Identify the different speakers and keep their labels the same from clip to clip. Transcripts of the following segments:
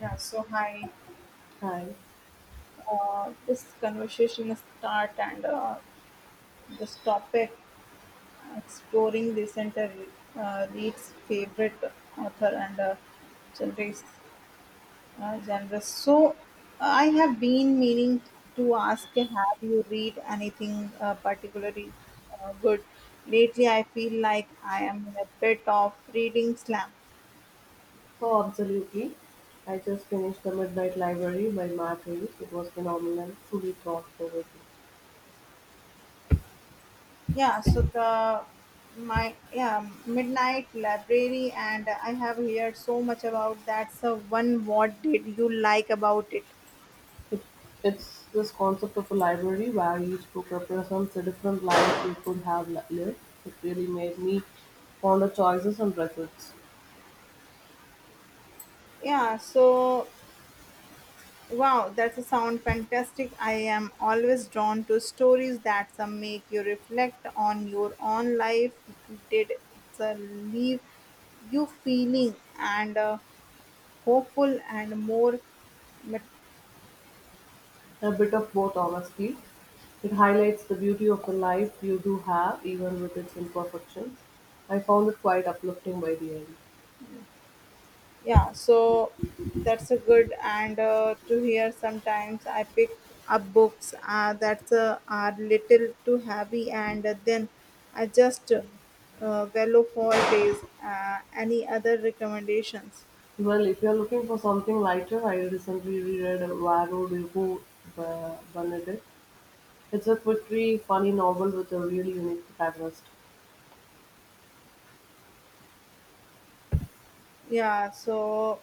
Speaker 1: Yeah, so hi.
Speaker 2: Hi.
Speaker 1: This conversation start and this topic exploring the center Reed's favorite author and genres. Genres. So I have been meaning to ask, have you read anything particularly good lately? I feel like I am in a bit of reading slump.
Speaker 2: Oh, absolutely. I just finished The Midnight Library by Matt Reeves. It was phenomenal, truly thought-provoking.
Speaker 1: Yeah, so the my yeah midnight library, and I have heard so much about that. So one, what did you like about it?
Speaker 2: It, it's this concept of a library where each book represents a different life we could have lived. It really made me ponder choices and regrets.
Speaker 1: Yeah, so wow, that's a sound fantastic. I am always drawn to stories that some make you reflect on your own life. Did it's a leave you feeling and hopeful and more.
Speaker 2: A bit of both, honestly. It highlights the beauty of the life you do have, even with its imperfections. I found it quite uplifting by the end.
Speaker 1: Yeah, so that's a good and to hear. Sometimes I pick up books that are little too heavy, and then I just bellow for days. Uh, any other recommendations?
Speaker 2: Well, if you're looking for something lighter, I recently reread Varo de Vaux by Benedict. It's a quick funny novel with a really unique protagonist.
Speaker 1: Yeah, so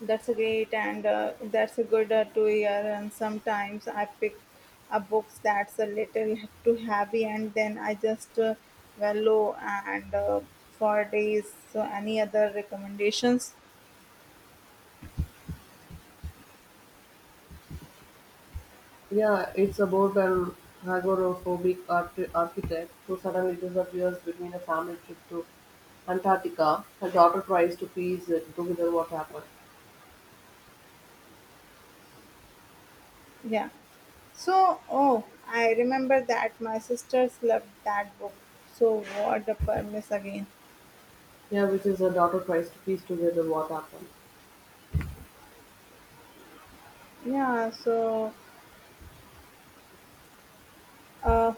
Speaker 1: That's great and that's a good to hear. And sometimes I pick up books that's a little too heavy, and then I just wallow and for days. So, any other recommendations?
Speaker 2: Yeah, it's about an agoraphobic architect who suddenly disappears between a family trip to Antarctica. Her daughter tries to piece it together what happened.
Speaker 1: Yeah. So, oh, I remember that my sisters loved that book. So, what the permiss again?
Speaker 2: Yeah, which is her daughter tries to piece together what happened.
Speaker 1: Yeah. So, uh,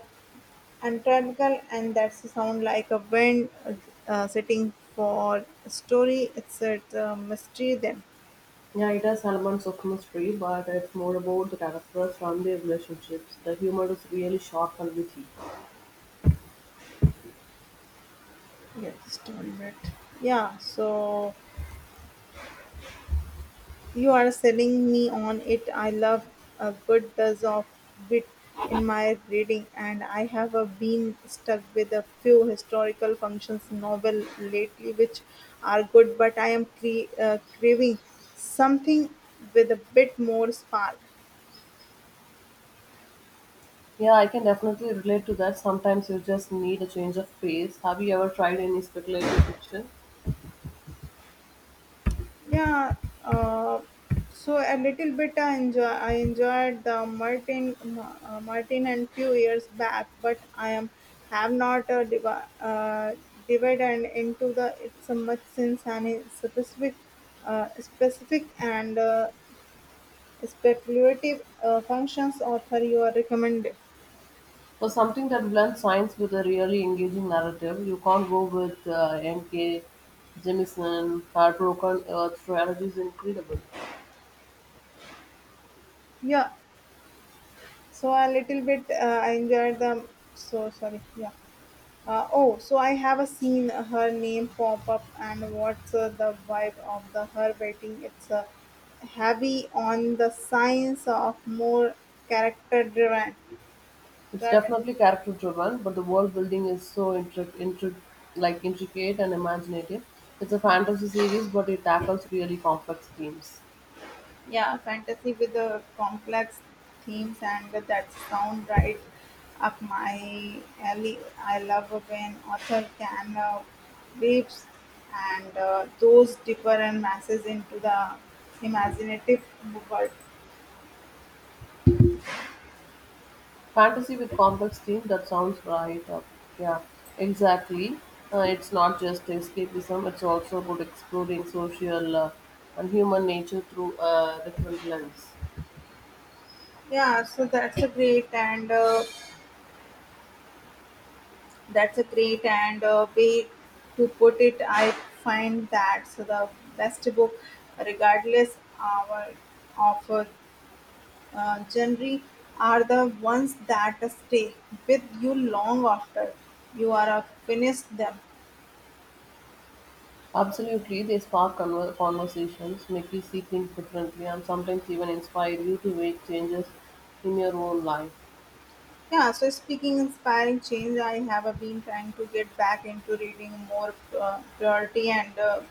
Speaker 1: Antarctica, and that's sound like a wind setting for a story. It's a mystery then.
Speaker 2: Yeah, it has elements of mystery, but it's more about the characters and their relationships. The humor is really sharp and witty.
Speaker 1: Yeah, just one minute. Yeah, so you are selling me on it. I love a good dose of wit in my reading, and I have been stuck with a few historical functions novel lately, which are good, but I am craving something with a bit more spark.
Speaker 2: Yeah, I can definitely relate to that. Sometimes you just need a change of pace. Have you ever tried any speculative fiction?
Speaker 1: Yeah, uh, so a little bit I enjoyed the Martin Martin and few years back, but I am have not divided into the it's a much since any specific and speculative functions author you are recommended.
Speaker 2: For something that blends science with a really engaging narrative? You can't go with M.K. Jemison, Heartbroken Earth trilogy is incredible.
Speaker 1: Yeah, so a little bit I enjoyed the so sorry, yeah. Oh, so I have seen her name pop up, and what's the vibe of the her waiting? It's heavy on the science of more character driven,
Speaker 2: It's
Speaker 1: driven,
Speaker 2: definitely character driven, but the world building is so like intricate and imaginative. It's a fantasy series, but it tackles really complex themes.
Speaker 1: Yeah, fantasy with the complex themes, and that sound right up my alley. I love when author can weaves and those deeper and masses into the imaginative world.
Speaker 2: Fantasy with complex themes, that sounds right up. Yeah, exactly. It's not just escapism, it's also about exploring social and human nature through a different lens.
Speaker 1: Yeah, so that's a great and way to put it. I find that so the best book, regardless our of genre, are the ones that stay with you long after you are finished them.
Speaker 2: Absolutely, they spark conversations, make you see things differently, and sometimes even inspire you to make changes in your own life.
Speaker 1: Yeah, so speaking inspiring change, I have been trying to get back into reading more priority. And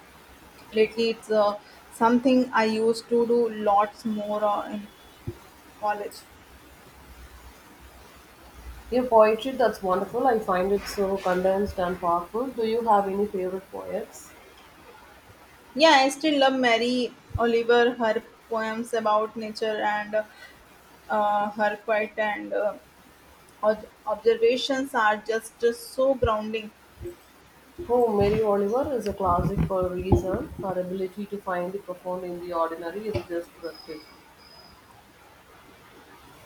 Speaker 1: lately, it's something I used to do lots more in college.
Speaker 2: Yeah, poetry, that's wonderful. I find it so condensed and powerful. Do you have any favorite poets?
Speaker 1: Yeah, I still love Mary Oliver, her poems about nature and her quiet and observations are just so grounding.
Speaker 2: Oh, Mary Oliver is a classic for a reason. Her ability to find the profound in the ordinary is just breathtaking.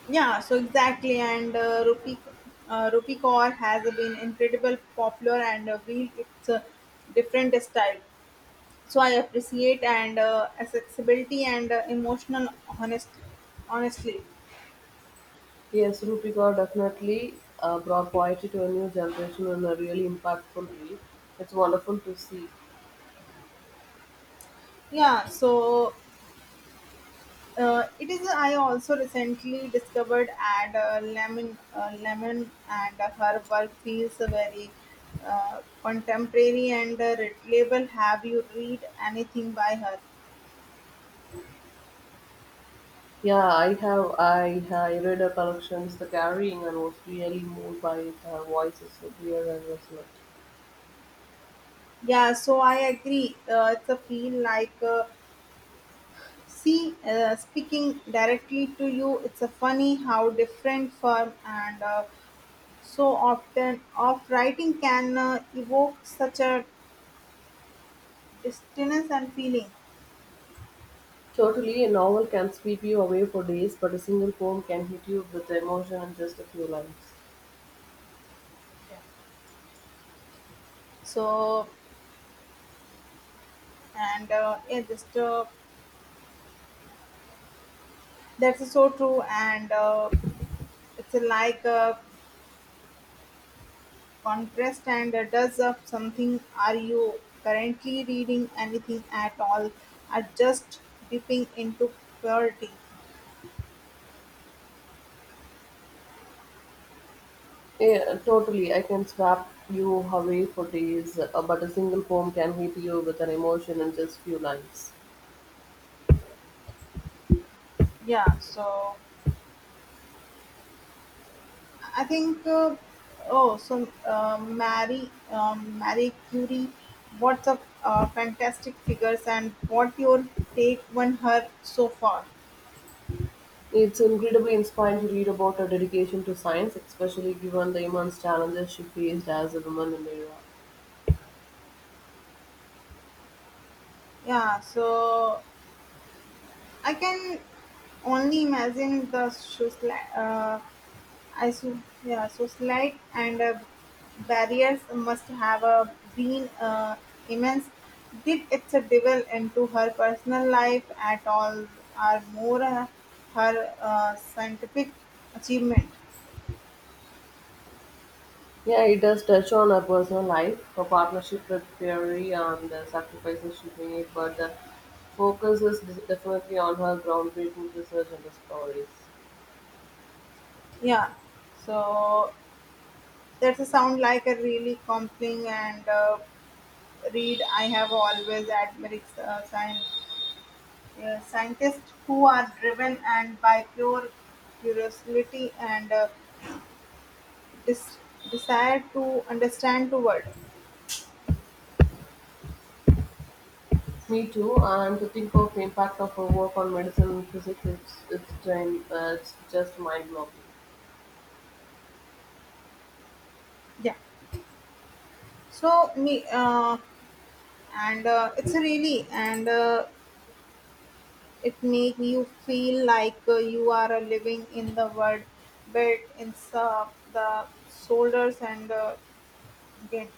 Speaker 1: Yeah, so exactly. And Rupi Kaur has been incredible popular and really it's a different style. So I appreciate and accessibility and emotional honest, honestly.
Speaker 2: Yes, Rupiga definitely brought poetry to a new generation in a really impactful way. It's wonderful to see.
Speaker 1: Yeah, so it is. I also recently discovered Lemon, and her work feels very contemporary and relatable. Have you read anything by her?
Speaker 2: Yeah, I read her collections, The Carrying, and was really moved by it. Her voice is so clear and resonant.
Speaker 1: Yeah, so I agree. It's a feel like see speaking directly to you. It's a funny how different firm and so often of writing can evoke such a distance and feeling.
Speaker 2: Totally, a novel can sweep you away for days, but a single poem can hit you with the emotion in just a few lines.
Speaker 1: Yeah. so and yeah just that's so true and it's like a contrast and does up something. Are you currently reading anything at all, are just dipping into purity?
Speaker 2: Yeah, totally. I can swap you away for days, but a single poem can hit you with an emotion in just few lines.
Speaker 1: Yeah, so I think oh, so mary Marie Curie, what's a fantastic figures. And what your take on her so far?
Speaker 2: It's incredibly inspiring to read about her dedication to science, especially given the immense challenges she faced as a woman in the era.
Speaker 1: Yeah, so I can only imagine the so slight and barriers must have been immense. Did it devil into her personal life at all, or more her scientific achievement?
Speaker 2: Yeah, it does touch on her personal life, her partnership with Fury, and the sacrifices she made, but the focus is definitely on her groundbreaking research and discoveries.
Speaker 1: Yeah, so that's a sound like a really compelling and read. I have always admired science. Scientists who are driven and by pure curiosity and dis- desire to understand the world.
Speaker 2: Me too, and to think of the impact of her work on medicine and physics, it's just mind-blowing.
Speaker 1: Yeah, so me and it's really and it make you feel like you are living in the world, but in the shoulders and again.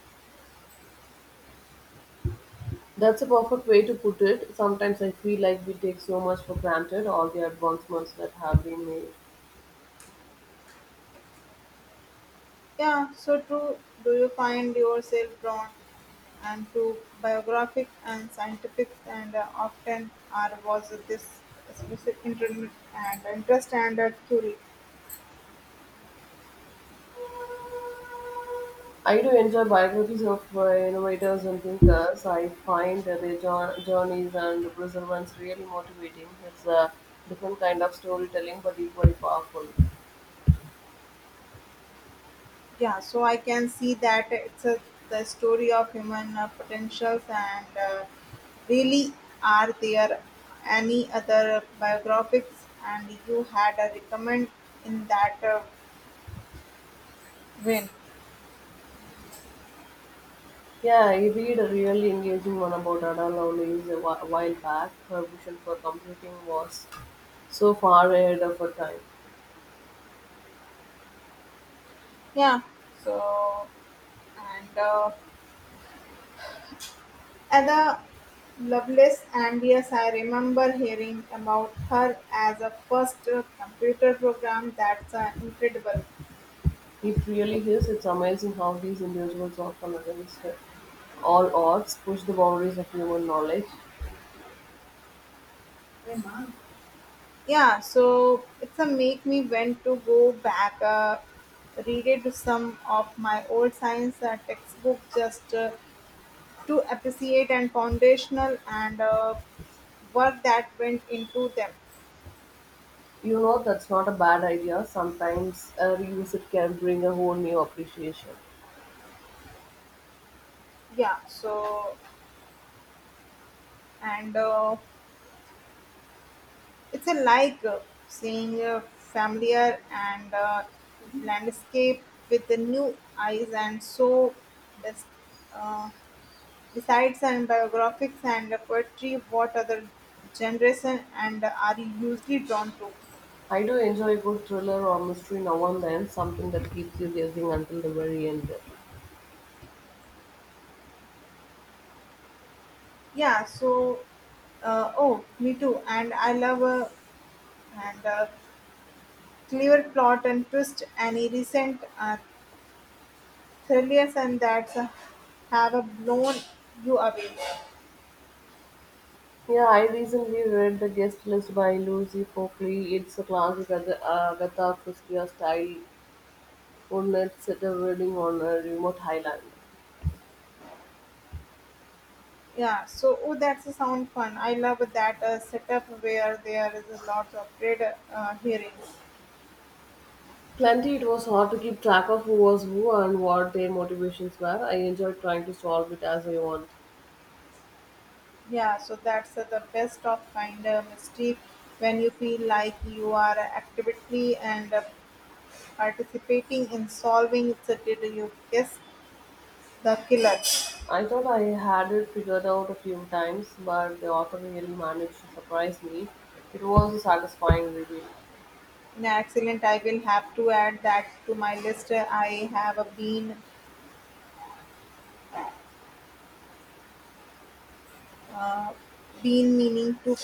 Speaker 2: That's a perfect way to put it. Sometimes I feel like we take so much for granted, all the advancements that have been made.
Speaker 1: Yeah, so true. Do you find yourself drawn and to biographic and scientific and often, are was this specific inter- and interest and curie?
Speaker 2: I do enjoy biographies of innovators and thinkers. I find that their journeys and perseverance really motivating. It's a different kind of storytelling, but equally powerful.
Speaker 1: Yeah, so I can see that it's a, the story of human potentials and really. Are there any other biographics and you had a recommend in that win?
Speaker 2: Yeah, I read a really engaging one about Ada Lovelace a while back. Her vision for computing was so far ahead of her time.
Speaker 1: Yeah, so and. Ada Lovelace and yes, I remember hearing about her as a first computer program. That's incredible.
Speaker 2: It really is. It's amazing how these individuals often against all odds push the boundaries of human knowledge.
Speaker 1: Yeah, so it's a make me want to go back, read it some of my old science textbook just to appreciate and foundational and work that went into them.
Speaker 2: You know, that's not a bad idea. Sometimes a revisit can bring a whole new appreciation.
Speaker 1: Yeah, so and It's a like seeing a familiar and landscape with the new eyes, and so bes- uh, besides and biographics and poetry, what other generation and are you usually drawn to?
Speaker 2: I do enjoy a good thriller or mystery now and then, something that keeps you guessing until the very end.
Speaker 1: Yeah, so oh, me too, and I love and clever plot and twist. Any recent thrillers and that have blown you away?
Speaker 2: Yeah, I recently read The Guest List by Lucy Pockley. It's a classic Agatha Christie style one-night sitter reading on a remote highland.
Speaker 1: Yeah, so oh, that's a sound fun. I love that setup where there is a lot of trade hearings.
Speaker 2: Plenty, it was hard to keep track of who was who and what their motivations were. I enjoyed trying to solve it as I want.
Speaker 1: Yeah, so that's the best of kind of mischief when you feel like you are actively and participating in solving it. So did you guess the killer?
Speaker 2: I thought I had it figured out a few times, but the author really managed to surprise me. It was a satisfying reveal.
Speaker 1: Yeah, excellent. I will have to add that to my list. I have Uh, been meaning to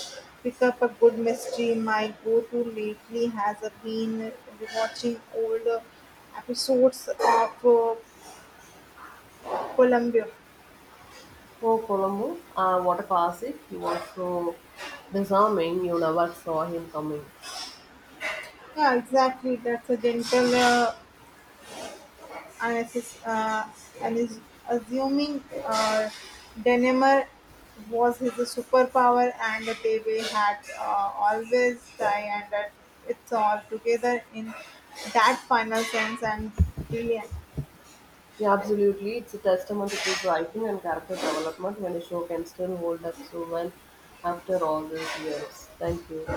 Speaker 1: pick up a good mystery. My go-to lately has been watching old episodes of Columbia.
Speaker 2: For Colombo, what a classic. He was so disarming, you never saw him coming.
Speaker 1: Yeah, exactly. That's a gentle, unassess- uh, and is assuming Denimer was his superpower, and they were had always die, and that it's all together in that final sense and brilliant.
Speaker 2: Yeah, absolutely. It's a testament to good writing and character development when a show can still hold up so well after all these years. Thank you.